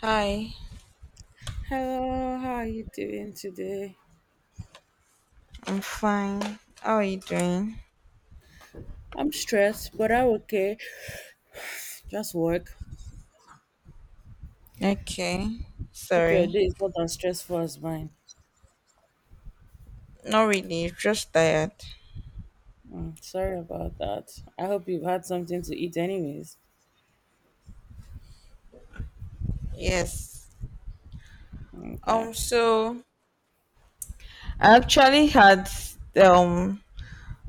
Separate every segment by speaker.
Speaker 1: Hi,
Speaker 2: Hello, how are you doing today?
Speaker 1: I'm fine. How are you doing?
Speaker 2: I'm stressed, but I'm okay. Just work.
Speaker 1: Okay.
Speaker 2: Hope your
Speaker 1: Sorry.
Speaker 2: day is not as stressful as mine.
Speaker 1: Not really, just tired.
Speaker 2: Mm, sorry about that. I hope you've had something to eat, anyways.
Speaker 1: Yes. Um
Speaker 2: Okay.
Speaker 1: so I actually had um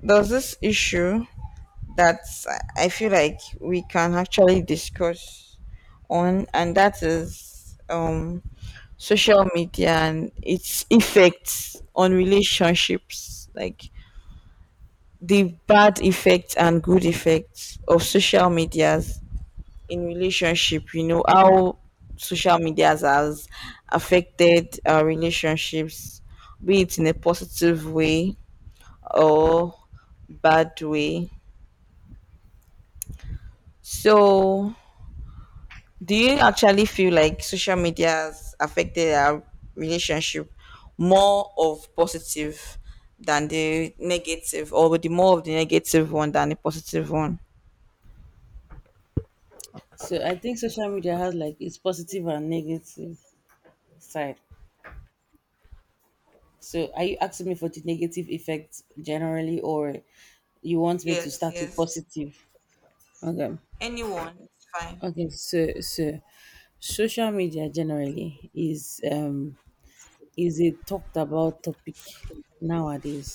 Speaker 1: there's this issue that I feel like we can actually discuss on, and that is social media and its effects on relationships, like the bad effects and good effects of social medias in relationship. You know how social medias has affected our relationships, be it in a positive way or bad way. So do you actually feel like social media has affected our relationship more of positive than the negative, or the more of the negative one than the positive one?
Speaker 2: So I think social media has like its positive and negative side. So are you asking me for the negative effects generally, or you want me to
Speaker 1: Yes,
Speaker 2: start with
Speaker 1: yes.
Speaker 2: positive? Okay.
Speaker 1: Anyone, it's fine.
Speaker 2: Okay. So social media generally is is a talked about topic nowadays.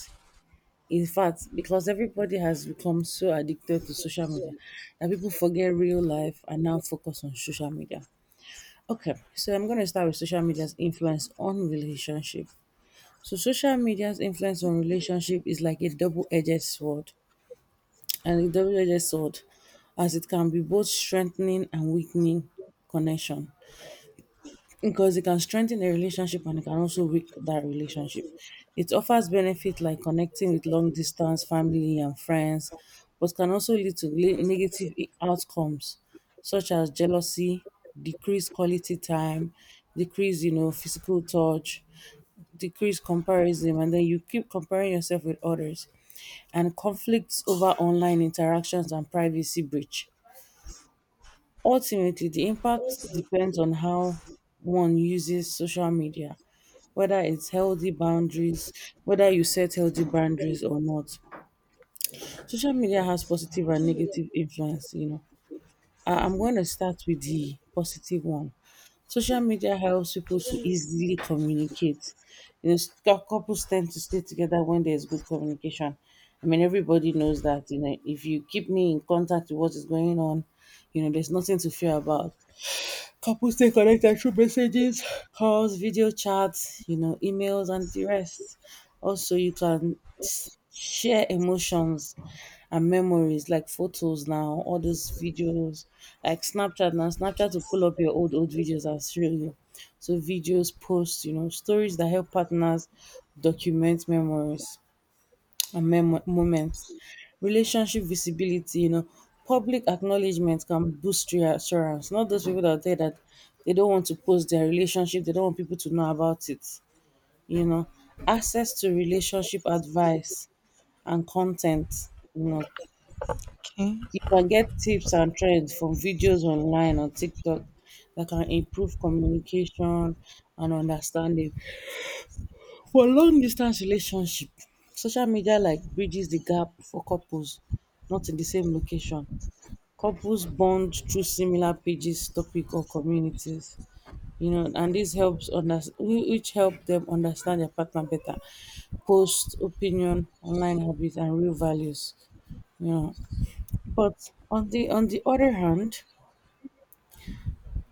Speaker 2: In fact, because everybody has become so addicted to social media that people forget real life and now focus on social media. Okay, so I'm going to start with social media's influence on relationship. So, social media's influence on relationship is like a double edged sword, and a double edged sword as it can be both strengthening and weakening connection. Because it can strengthen a relationship and it can also weaken that relationship. It offers benefit like connecting with long distance family and friends, but can also lead to negative outcomes such as jealousy, decreased quality time, decreased physical touch, decreased comparison, and then you keep comparing yourself with others, and conflicts over online interactions and privacy breach. Ultimately, the impact depends on how one uses social media, whether it's healthy boundaries, whether you set healthy boundaries or not. Social media has positive and negative influence. I'm going to start with the positive one. Social media helps people to easily communicate. Couples tend to stay together when there's good communication. I mean, everybody knows that, if you keep me in contact with what is going on, there's nothing to fear about. Couples stay connected through messages, calls, video chats, emails, and the rest. Also, you can share emotions and memories like photos now, all those videos, like Snapchat now. Snapchat to pull up your old videos and show you. So, videos, posts, stories that help partners document memories and moments. Relationship visibility, public acknowledgement can boost reassurance. Not those people that are there that they don't want to post their relationship, they don't want people to know about it. You know, access to relationship advice and content. You know,
Speaker 1: Okay.
Speaker 2: you can get tips and trends from videos online on TikTok that can improve communication and understanding. For long distance relationship, social media like bridges the gap for couples not in the same location. Couples bond through similar pages, topic or communities. And this helps which help them understand their partner better, post opinion, online habits and real values. You know, but on the other hand,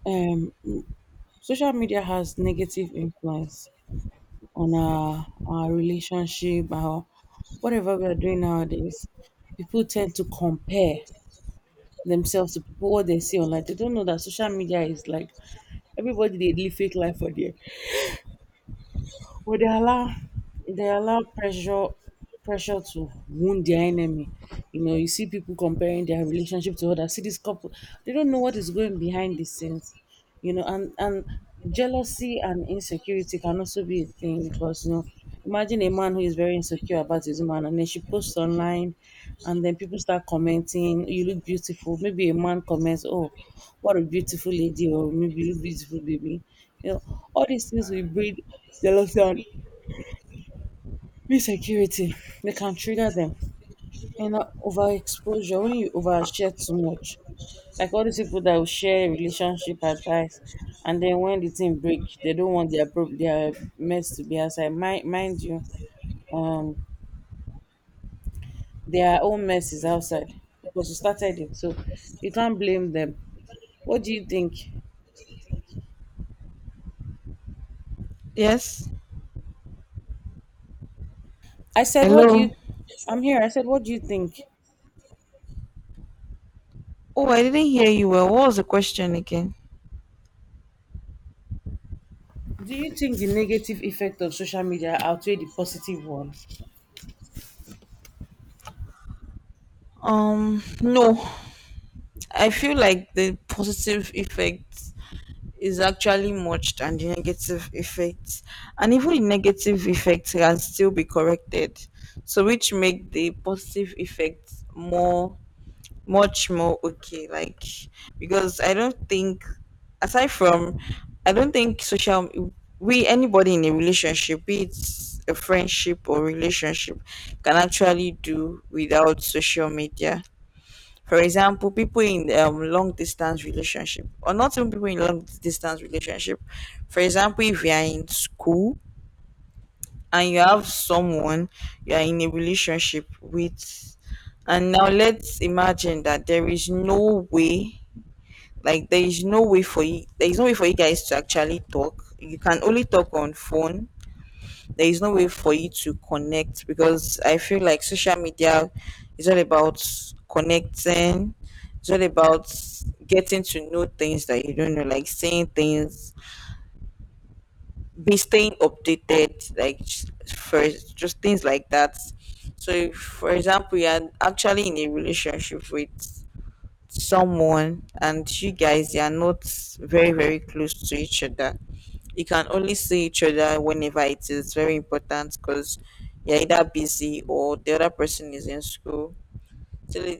Speaker 2: um, social media has negative influence on our relationship, or whatever we are doing nowadays, people tend to compare themselves to people what they see online. They don't know that social media is like everybody they live fake life for there. But they allow pressure to wound their enemy. You see people comparing their relationship to others. See this couple, they don't know what is going behind the scenes. And jealousy and insecurity can also be a thing because imagine a man who is very insecure about his woman, and then she posts online and then people start commenting, you look beautiful. Maybe a man comments, oh, what a beautiful lady, or maybe you look beautiful, baby. You know all these things will breed jealousy and insecurity. They can trigger them. And na overexposure. When you overshare too much, like all dis people that will share relationship advice and den wen di tin break, they don't want their prob dia mess to be outside, mind you, um their own mess is outside because you started it, so you can't blame them. What do you think?
Speaker 1: Yes.
Speaker 2: I said what do
Speaker 1: Hello.
Speaker 2: you I'm here. I said, what do you think?
Speaker 1: Oh, I didn't hear you well. What was the question again?
Speaker 2: Do you think the negative effect of social media outweigh the positive one?
Speaker 1: No, I feel like the positive effect is actually much than the negative effect, and even the negative effect can still be corrected. So, which make the positive effect more, much more okay. Like, because I don't think, aside from, I don't think social we anybody in a relationship, be it a friendship or relationship, can actually do without social media. For example, people in long distance relationship, or not even people in long distance relationship. For example, if you are in school and you have someone you are in a relationship with, and now let's imagine that there is no way for you, there is no way for you guys to actually talk, you can only talk on phone. There is no way for you to connect, because I feel like social media is all about connecting. It's all about getting to know things that you don't know, like saying things, be staying updated, like first, just things like that. So if, for example, you're actually in a relationship with someone and you are not very very close to each other, you can only see each other whenever it is very important, because you're either busy or the other person is in school. So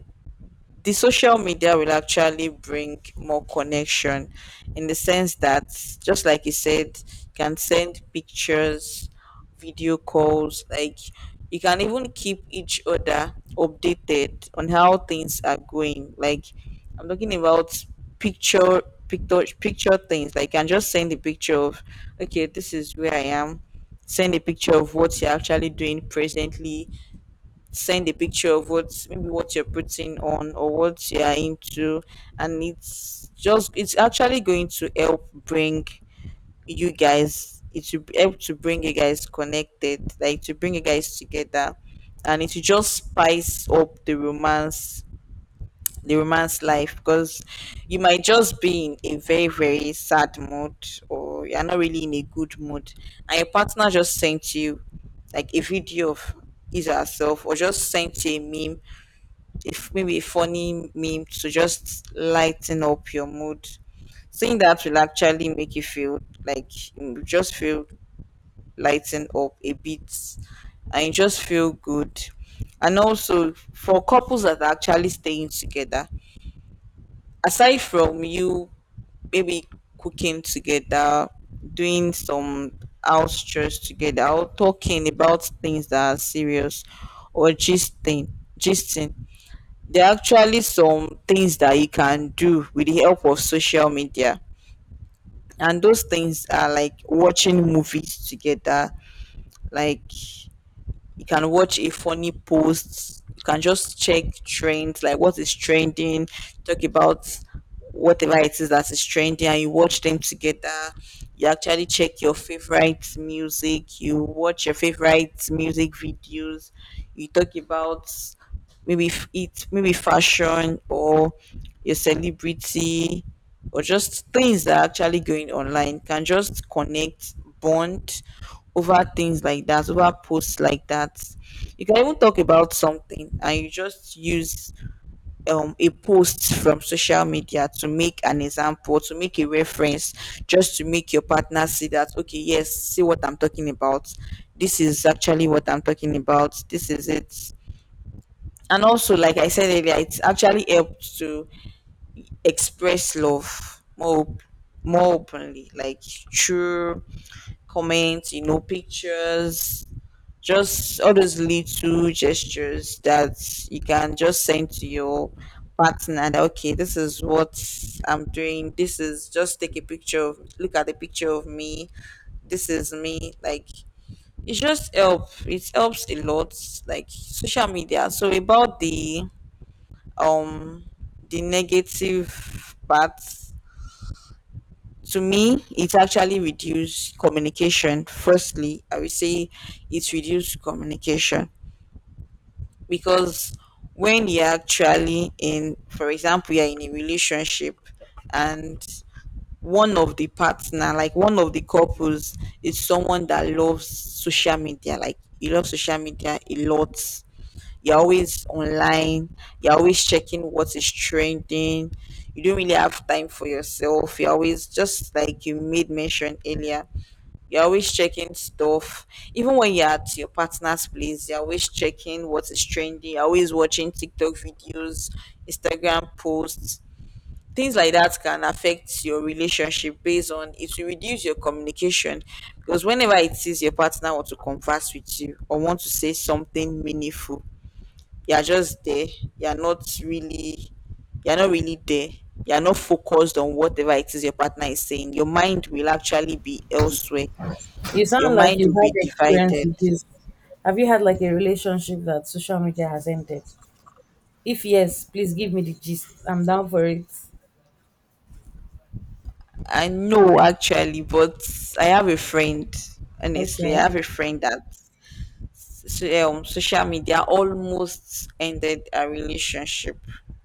Speaker 1: the social media will actually bring more connection, in the sense that, just like you said, you can send pictures, video calls. Like, you can even keep each other updated on how things are going. Like, I'm talking about picture, picture things. Like, you can just send a picture of, okay, this is where I am. Send a picture of what you're actually doing presently. Send a picture of what, maybe what you're putting on or what you're into. And it's just, it's actually going to help bring you guys it will help to bring you guys connected, like to bring you guys together. And it will just spice up the romance, the romance life. Because you might just be in a very very sad mood, or you're not really in a good mood, and your partner just sent you like a video of his or herself, or just sent you a meme, if maybe a funny meme, to just lighten up your mood. Seeing that will actually make you feel like, you just feel lightened up a bit, and you just feel good. And also, for couples that are actually staying together, aside from you maybe cooking together, doing some house chores together, or talking about things that are serious or gisting, gisting, there are actually some things that you can do with the help of social media. And those things are like watching movies together. Like, you can watch a funny post, you can just check trends, like what is trending, talk about whatever it is that is trending, and you watch them together. You actually check your favorite music, you watch your favorite music videos, you talk about maybe it maybe fashion, or your celebrity, or just things that are actually going online. You can just connect, bond over things like that, over posts like that. You can even talk about something and you just use a post from social media to make an example, to make a reference, just to make your partner see that, okay, yes, see what I'm talking about. This is actually what I'm talking about. This is it. And also, like I said earlier, it actually helps to express love more more openly, like through comments, you know, pictures, just all those little gestures that you can just send to your partner that, okay, this is what I'm doing. This is just, take a picture of, look at the picture of me. This is me. Like, it just help. It helps a lot. Like, social media. So about um the negative part, to me, it actually reduced communication. Firstly, I would say it reduced communication, because when you're actually in, for example, you're in a relationship and one of the partner, like one of the couples, is someone that loves social media. Like, you love social media a lot, you're always online, you're always checking what is trending, you don't really have time for yourself, you're always just, like you made mention earlier, you're always checking stuff. Even when you're at your partner's place, you're always checking what is trending. You're always watching TikTok videos, Instagram posts. Things like that can affect your relationship, based on it will reduce your communication. Because whenever it is your partner want to converse with you or want to say something meaningful, you're just there. You're not really you're not really there. You're not focused on whatever it is your partner is saying. Your mind will actually be elsewhere,
Speaker 2: You
Speaker 1: your
Speaker 2: sound like
Speaker 1: mind
Speaker 2: you've
Speaker 1: will be
Speaker 2: had experience
Speaker 1: divided.
Speaker 2: with this. Have you had like a relationship that social media has ended? If yes, please give me the gist. I'm down for it.
Speaker 1: I know actually, but I have a friend. Honestly,
Speaker 2: Okay.
Speaker 1: I have a friend that social media almost ended a relationship.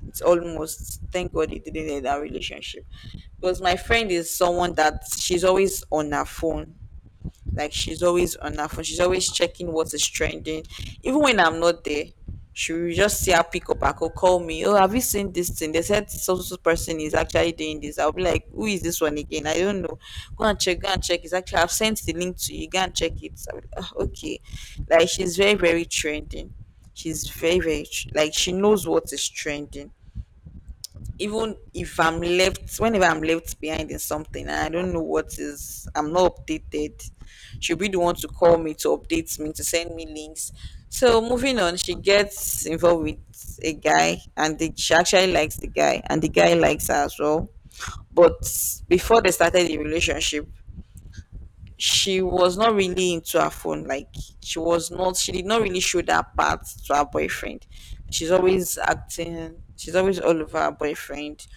Speaker 1: It's almost, thank God it didn't end our relationship, because my friend is someone that, she's always on her phone. Like, she's always on her phone. She's always checking what is trending. Even when I'm not there, she will just see her, pick up, I could call me, oh, have you seen this thing? They said so so so person is actually doing this. I'll be like, who is this one again? I don't know. Go and check. Go and check. It's actually, I've sent the link to you. Go and check it. I'll be like, "Ah, okay," like, she's very very trending. She's very like, she knows what is trending. Even if I'm left, whenever I'm left behind in something and I don't know what is, I'm not updated, she'll be the one to call me, to update me, to send me links. So moving on, she gets involved with a guy, and she actually likes the guy, and the guy likes her as well. But before they started the relationship, she was not really into her phone. Like, she did not really show that part to her boyfriend. She's always acting. She's always all over her boyfriend,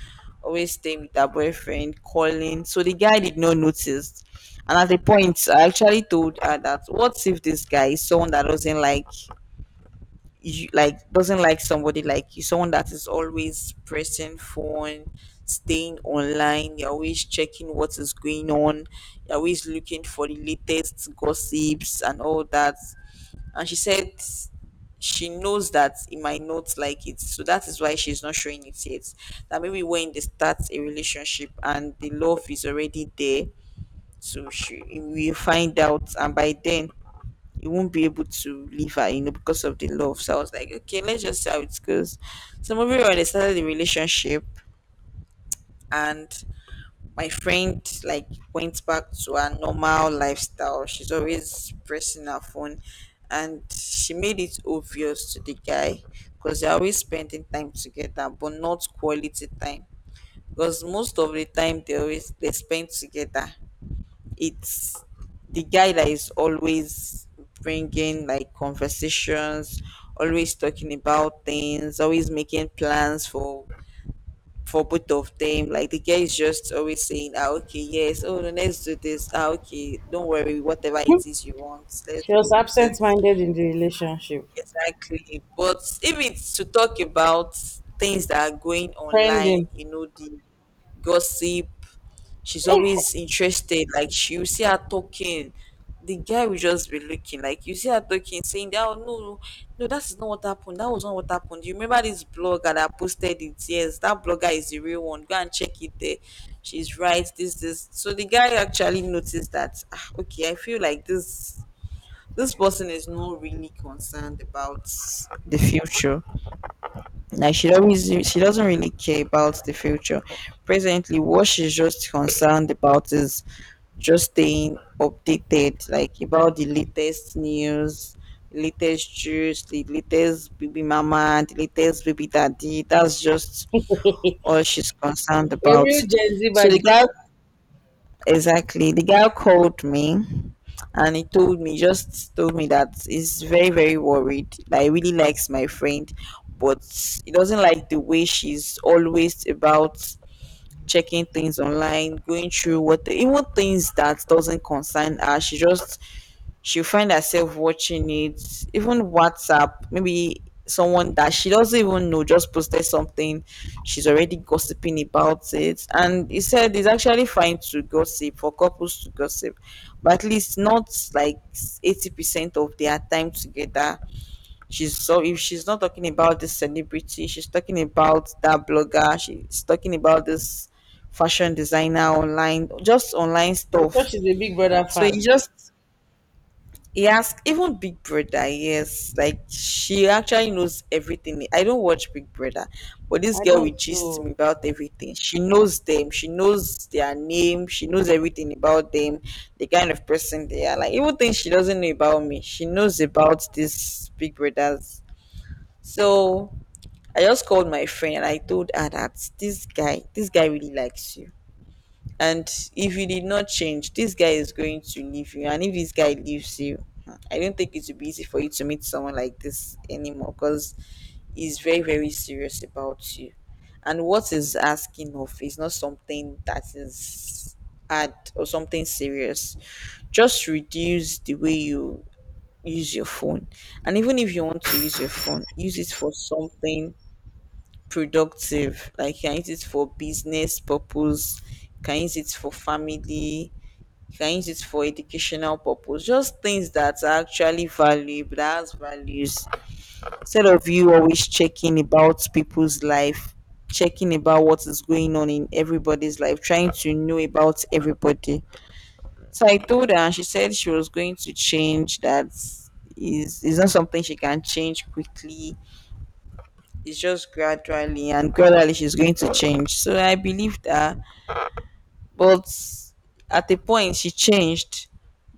Speaker 1: always staying with her boyfriend, calling. So the guy did not notice. And at the point, I actually told her that, what if this guy is someone that doesn't like you, like doesn't like somebody like you, someone that is always pressing phone, staying online, you're always checking what is going on, you're always looking for the latest gossips and all that. And she said she knows that he might not like it, so that is why she's not showing it yet. That maybe when they start a relationship and the love is already there, so she will find out, and by then you won't be able to leave her, you know, because of the love. So I was like, okay, let's just see how it goes. So moving on, they started the relationship, and my friend, like, went back to her normal lifestyle. She's always pressing her phone, and she made it obvious to the guy, because they're always spending time together, but not quality time. Because most of the time they spend together, it's the guy that is always bringing like conversations, always talking about things, always making plans for both of them. Like, the guy is just always saying, ah, okay, yes, oh no, let's do this, ah okay, don't worry, whatever it is you want, let's
Speaker 2: She
Speaker 1: go
Speaker 2: was
Speaker 1: with it.
Speaker 2: absent minded in the relationship.
Speaker 1: Exactly. But if it's to talk about things that are going online,
Speaker 2: Trending.
Speaker 1: you know, the gossip, she's
Speaker 2: Eh,
Speaker 1: always interested. Like, she, you see her talking. The guy will just be looking, like, you see her talking, saying that, oh no, no, no, that is not what happened. That was not what happened. You remember this blogger that posted it? Yes, that blogger is the real one. Go and check it there. She's right, this, this. So the guy actually noticed that, ah, okay, I feel like this person is not really concerned about the future. Like, she doesn't really care about the future. Presently, what she's just concerned about is just staying updated, like about the latest news, latest juice, the latest baby mama, the latest baby daddy. That's just all she's concerned
Speaker 2: a
Speaker 1: about.
Speaker 2: real Gen Z
Speaker 1: So the
Speaker 2: body.
Speaker 1: guy exactly. The girl called me and he told me, just told me that he's very, very worried. That he really likes my friend, but he doesn't like the way she's always about checking things online, going through what even things that doesn't concern her. She just she'll find herself watching it, even WhatsApp, maybe someone that she doesn't even know just posted something, she's already gossiping about it. And he said it's actually fine to gossip for couples to gossip, but at least not like 80% of their time together. She's so if she's not talking about this celebrity, she's talking about that blogger, she's talking about this fashion designer online, just online
Speaker 2: I'm sure
Speaker 1: stuff.
Speaker 2: she's a Big Brother
Speaker 1: So it
Speaker 2: fan.
Speaker 1: just He asked even Big Brother, yes, like she actually knows everything. I don't watch Big Brother, but this
Speaker 2: I
Speaker 1: girl will
Speaker 2: don't
Speaker 1: gist me
Speaker 2: so.
Speaker 1: about everything. She knows them, she knows their name, she knows everything about them, the kind of person they are. Like even things she doesn't know about me, she knows about these Big Brothers. So I just called my friend and I told her that this guy really likes you, and if you did not change, this guy is going to leave you. And if this guy leaves you, I don't think it will be easy for you to meet someone like this anymore because he's very, very serious about you. And what he's asking of is not something that is hard or something serious. Just reduce the way you use your phone. And even if you want to use your phone, use it for something productive. Like you can use it for business purpose, you can use it for family, you can use it for educational purpose, just things that are actually valuable that has values, instead of you always checking about people's life, checking about what is going on in everybody's life, trying to know about everybody. So I told her, and she said she was going to change, that is not something she can change quickly. It's just gradually and gradually she's going to change, so I believe that. But at a point, she changed.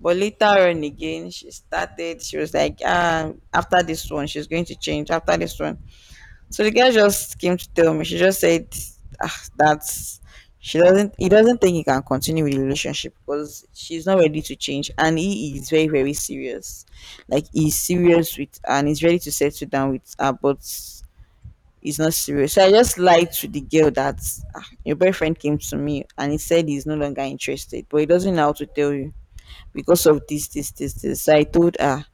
Speaker 1: But later on again, she started, she was like, ah, after this one, she's going to change. After this one. So the girl just came to tell me, she just said, ah, that's. She doesn't. He doesn't think he can continue with the relationship because she's not ready to change, and he is very, very serious. Like he's serious with, and he's ready to settle down with her. But it's not serious. So I just lied to the girl that ah, your boyfriend came to me and he said he's no longer interested, but he doesn't know how to tell you because of this, this, this, this. So I told her.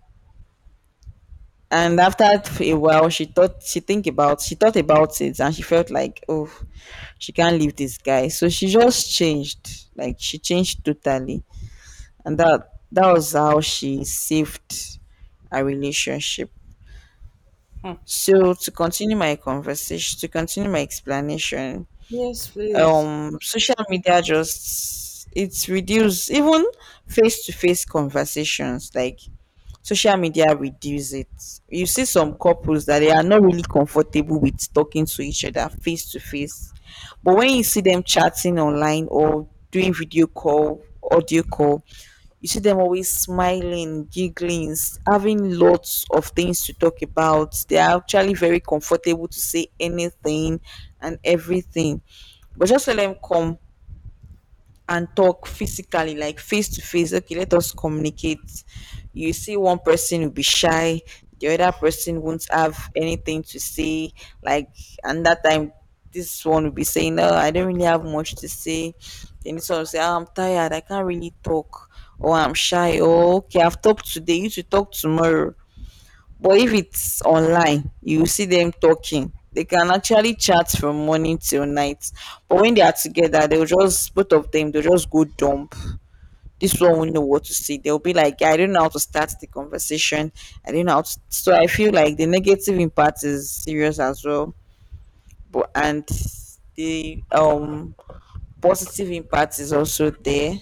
Speaker 1: And after a while, she thought about it, and she felt like, oh, she can't leave this guy. So she just changed, like she changed totally, and that was how she saved a relationship.
Speaker 2: Hmm.
Speaker 1: So to continue my conversation, to continue my explanation,
Speaker 2: Yes, please.
Speaker 1: social media just it's reduce even face-to-face conversations. Like social media reduce it. You see some couples that they are not really comfortable with talking to each other face to face, but when you see them chatting online or doing video call, audio call, you see them always smiling, giggling, having lots of things to talk about. They are actually very comfortable to say anything and everything. But just let them come and talk physically, like face to face. Okay, let us communicate. You see, one person will be shy, the other person won't have anything to say. Like, and that time, this one will be saying, "No, I don't really have much to say." Then this one will say, "Ah, I'm tired. I can't really talk." Or I'm shy. Or okay, I've talked today. You should talk tomorrow. But if it's online, you will see them talking. They can actually chat from morning till night. But when they are together, they'll just both of them they'll just go dump. This one won't know what to say. They'll be like, I don't know how to start the conversation. I don't know how, to so I feel like the negative impact is serious as well. But and the positive impact is also there.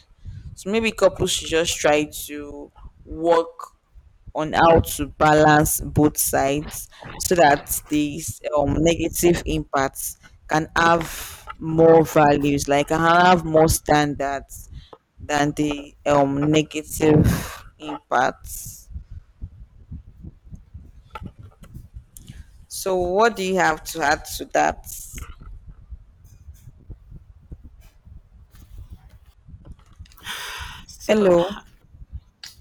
Speaker 1: So maybe couples should just try to work on how to balance both sides so that these negative impacts can have more values, like can have more standards than the negative impacts. So, what do you have to add to that?
Speaker 2: So,
Speaker 1: Hello.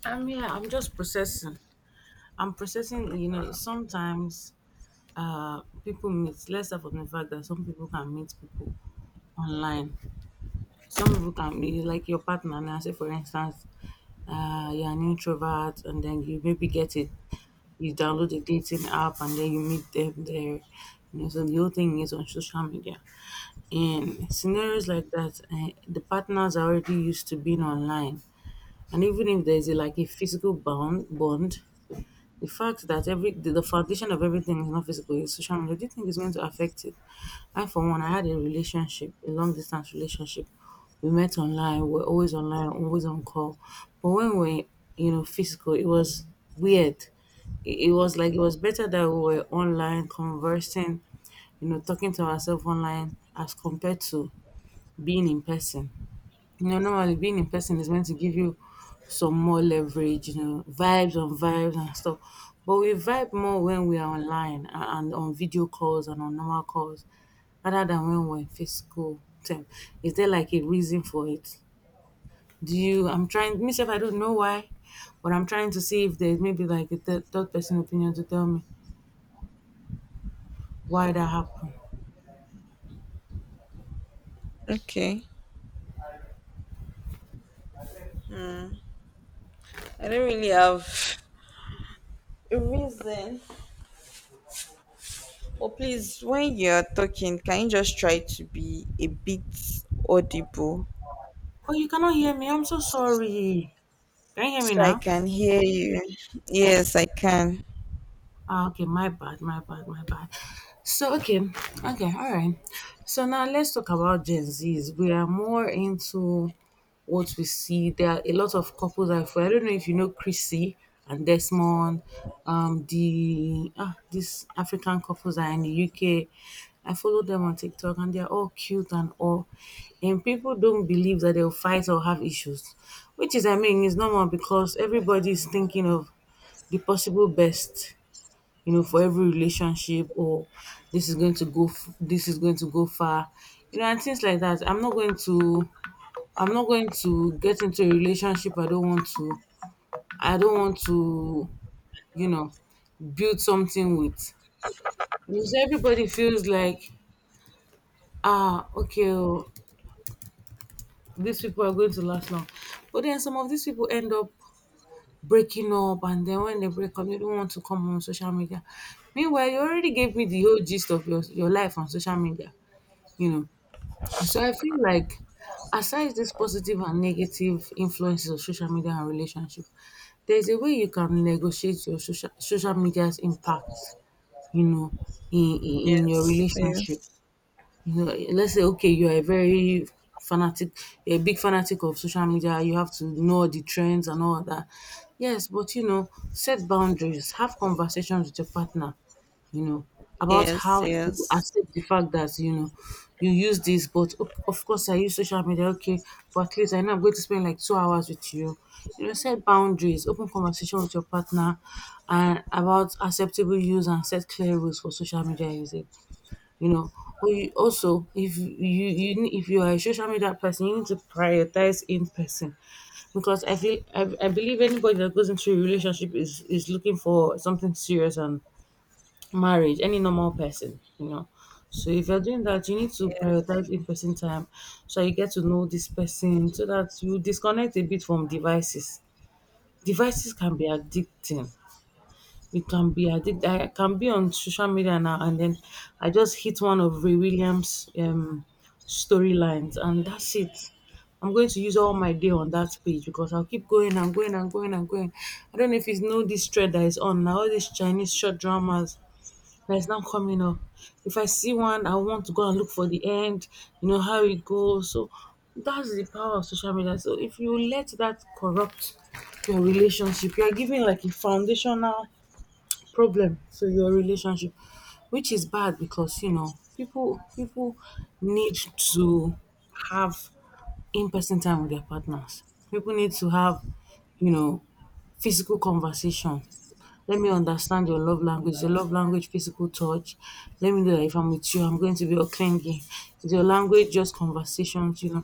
Speaker 2: I'm yeah, I'm just processing. I'm processing, sometimes people meet. Let's start from the fact that some people can meet people online. Some people can be like your partner. Now, say for instance, you're an introvert and then you maybe get it, you download a dating app and then you meet them there. So the whole thing is on social media. In scenarios like that, the partners are already used to being online, and even if there's like a physical bond, the fact that the foundation of everything is not physical, is social media, do you think it's going to affect it? I for one, I had a relationship, a long distance relationship. We met online, we're always online, always on call. But when we're physical, it was weird. It was like it was better that we were online conversing, talking to ourselves online as compared to being in person. Normally being in person is meant to give you some more leverage, vibes on vibes and stuff. But we vibe more when we are online and on video calls and on normal calls rather than when we're in physical term. Is there like a reason for it? I'm trying, myself, I don't know why, but I'm trying to see if there's maybe like a third person opinion to tell me why that happened.
Speaker 1: Okay. Hmm. I don't really have a reason. But please, when you're talking, can you just try to be a bit audible?
Speaker 2: Oh, you cannot hear me. I'm so sorry. Can you hear me
Speaker 1: So I
Speaker 2: now?
Speaker 1: can hear you. Yes, I can.
Speaker 2: Ah, okay, my bad, my bad, my bad. So, okay, okay, all right. So now let's talk about Gen Zs. We are more into what we see. There are a lot of couples. I don't know if you know Chrissy and Desmond. These African couples are in the UK. I follow them on TikTok, and they're all cute and all. And people don't believe that they'll fight or have issues, which is, I mean, is normal because everybody's thinking of the possible best, for every relationship, or this is going to go far, and things like that. I'm not going to get into a relationship I don't want to I don't want to, you know, build something with. Because everybody feels like, okay, these people are going to last long. But then some of these people end up breaking up, and then when they break up they don't want to come on social media, meanwhile you already gave me the whole gist of your life on social media. you know So I feel like aside this positive and negative influences of social media and relationship, there's a way you can negotiate your social media's impact, you know, in your
Speaker 1: Yes,
Speaker 2: relationship.
Speaker 1: yes,
Speaker 2: Let's say okay, you are a very fanatic, a big fanatic of social media. You have to know the trends and all that. Yes, but set boundaries. Have conversations with your partner. You know about
Speaker 1: yes,
Speaker 2: how to
Speaker 1: yes,
Speaker 2: accept the fact that you use this, but of course I use social media. Okay, but at least I know I'm going to spend like 2 hours with you. Set boundaries. Open conversation with your partner, and about acceptable use and set clear rules for social media usage you know. But you also, if if you are a social media person, you need to prioritize in person, because I believe anybody that goes into a relationship is looking for something serious, and marriage. Any normal person. So if you're doing that, you need to
Speaker 1: yes,
Speaker 2: prioritize in person time, so you get to know this person, so that you disconnect a bit from devices. Devices can be addicting, it can be. I did. I can be on social media now, and then I just hit one of Ray Williams' storylines, and that's it. I'm going to use all my day on that page because I'll keep going and going and going and going. I don't know if it's know this thread that is on now. All these Chinese short dramas that is now coming up. If I see one, I want to go and look for the end. You know how it goes. So that's the power of social media. So if you let that corrupt your relationship, you are giving like a foundational problem to your relationship, which is bad because people need to have in-person time with their partners. People need to have, you know, physical conversation. Let me understand your love language. Your love language, physical touch. Let me know that if I'm with you, I'm going to be all clingy. Is your language just conversations?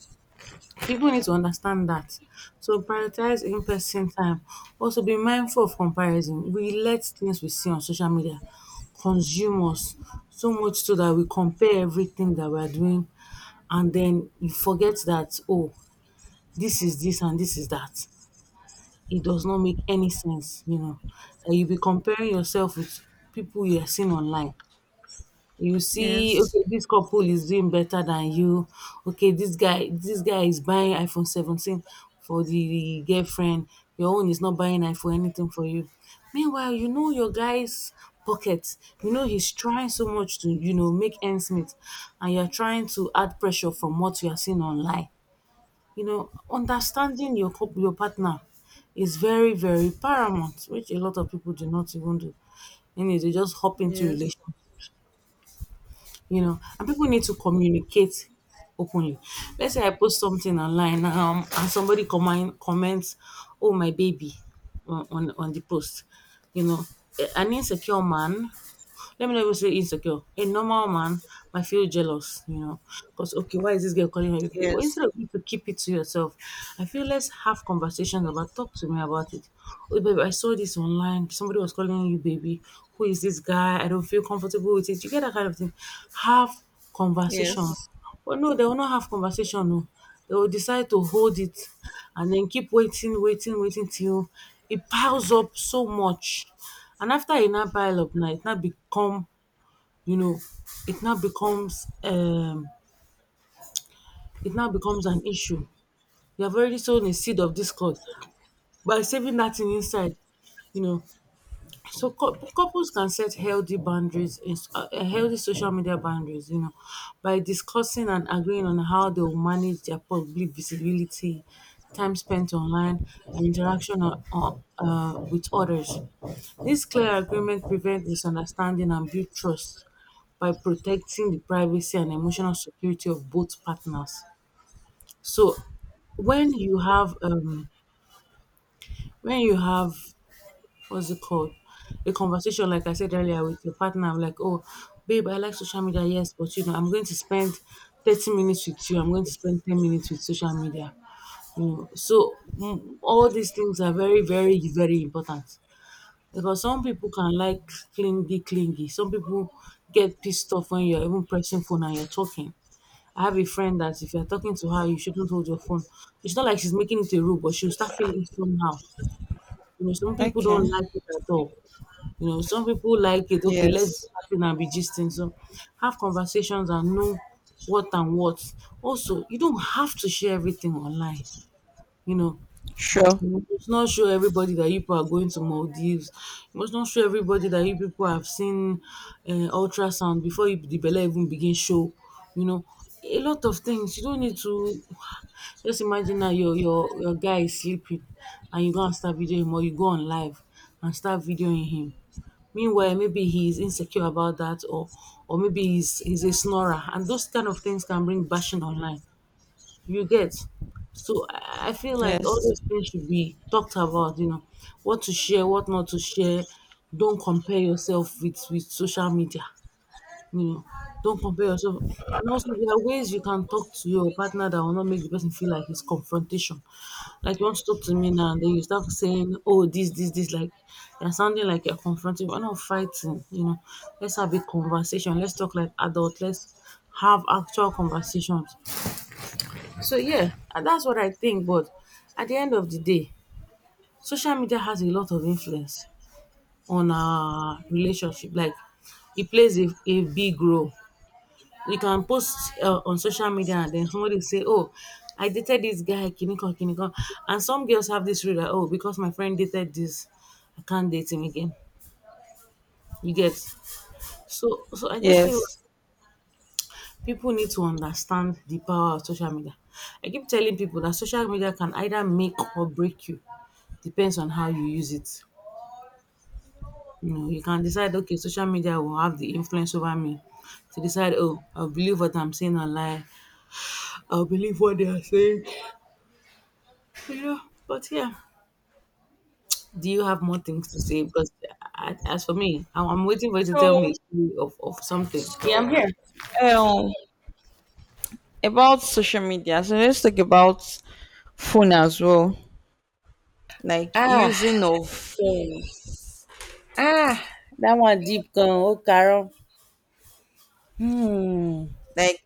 Speaker 2: People need to understand that. So prioritize in-person time. Also be mindful of comparison. We let things we see on social media consume us so much so that we compare everything that we're doing, and then you forget that this is this and this is that. It does not make any sense, That you be comparing yourself with people you are seeing online. You see,
Speaker 1: yes,
Speaker 2: okay, this couple is doing better than you. Okay, this guy is buying iPhone 17 for the girlfriend. Your own is not buying iPhone anything for you. Meanwhile, you know your guy's pocket. You know he's trying so much to, make ends meet, and you're trying to add pressure from what you are seeing online. You know, understanding your your partner is very, very paramount, which a lot of people do not even do. And they just hop into
Speaker 1: yes,
Speaker 2: relationship, you know, and people need to communicate openly. Let's say I post something online, and somebody comments, "Oh my baby" on the post, you know. An insecure man, let me not even say insecure. A normal man might feel jealous, you know, because okay, why is this girl calling me? But
Speaker 1: yes,
Speaker 2: instead of you to keep it to yourself, I feel let's have conversations about. Talk to me about it. Oh, baby, I saw this online. Somebody was calling you, baby. Who is this guy? I don't feel comfortable with it. You get that kind of thing. Have
Speaker 1: yes,
Speaker 2: conversations. But no, they will not have conversation. No, they will decide to hold it and then keep waiting, waiting, waiting till it piles up so much, and after a now pile up now, it now become, you know, it now becomes um it now becomes an issue. You have already sown a seed of discord by saving that thing inside, you know. So couples can set healthy boundaries, in, eh, healthy social media boundaries, you know, by discussing and agreeing on how they will manage their public visibility, time spent online, and interaction with others. This clear agreement prevents misunderstanding and build trust by protecting the privacy and emotional security of both partners. So when you have when you have, what's it called? A conversation, like I said earlier, with your partner. I'm like, oh, babe, I like social media, yes, but you know, I'm going to spend 30 minutes with you. I'm going to spend 10 minutes with social media. You know, so all these things are very, very, very important because some people can like clingy, clingy. Some people get pissed off when you're even pressing phone and you're talking. I have a friend that if you're talking to her, you shouldn't hold your phone. It's not like she's making it a rule, but she'll start feeling somehow. You know, some people
Speaker 1: okay,
Speaker 2: don't like it at all. You know, some people like it, okay, let's be
Speaker 1: yes,
Speaker 2: chatting and be gisting. So have conversations and know what and what. Also, you don't have to share everything online, you know.
Speaker 1: sure,
Speaker 2: You must not show everybody that you people are going to Maldives. You must not show everybody that you people have seen uh, ultrasound before you, the belly even begin show. You know, a lot of things. You don't need to just imagine that your guy is sleeping, and you go and start videoing him, or you go on live and start videoing him. Meanwhile, maybe he is insecure about that, or maybe he's a snorer, and those kind of things can bring bashing online. You get? So I feel like all
Speaker 1: yes.
Speaker 2: these things should be talked about, you know, what to share, what not to share. Don't compare yourself with social media, you know. Don't compare yourself. And also there are ways you can talk to your partner that will not make the person feel like it's confrontation. Like you want to talk to me now, and then you start saying, "Oh, this," like you're sounding like you're confronting. We're not fighting, you know. Let's have a conversation. Let's talk like adults. Let's have actual conversations. So yeah, and that's what I think. But at the end of the day, social media has a lot of influence on our relationship. Like it plays a big role. We can post on social media, and then somebody say, "Oh, I dated this guy, kiniko kiniko," and some girls have this rule that, "Oh, because my friend dated this, I can't date him again." You get, so so, I just feel
Speaker 1: Yes.
Speaker 2: people need to understand the power of social media. I keep telling people that social media can either make or break you. Depends on how you use it. You know, you can decide, okay, social media will have the influence over me to decide, oh, I'll believe what I'm seeing online. I'll believe what they are saying. You know, but yeah. Do you have more things to say? Because I, as for me, I'm waiting for you to tell me
Speaker 1: So,
Speaker 2: a story of something. Yeah, I'm
Speaker 1: so,
Speaker 2: here.
Speaker 1: um, about social media. So let's talk about phone as well. Like
Speaker 2: Ah,
Speaker 1: using of phones.
Speaker 2: ah, that one deep gone. Oh, Carol. Hmm.
Speaker 1: Like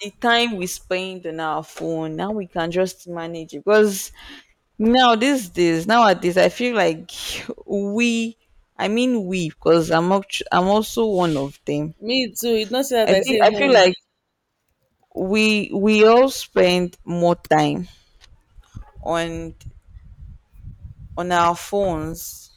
Speaker 1: the time we spend on our phone. Now we can just manage it because now these days, nowadays, I feel like we, I mean we, because I'm also one of them.
Speaker 2: Me too, it's not say
Speaker 1: I
Speaker 2: dat I
Speaker 1: think
Speaker 2: say
Speaker 1: I feel
Speaker 2: hmm.
Speaker 1: like we all spend more time on on our phones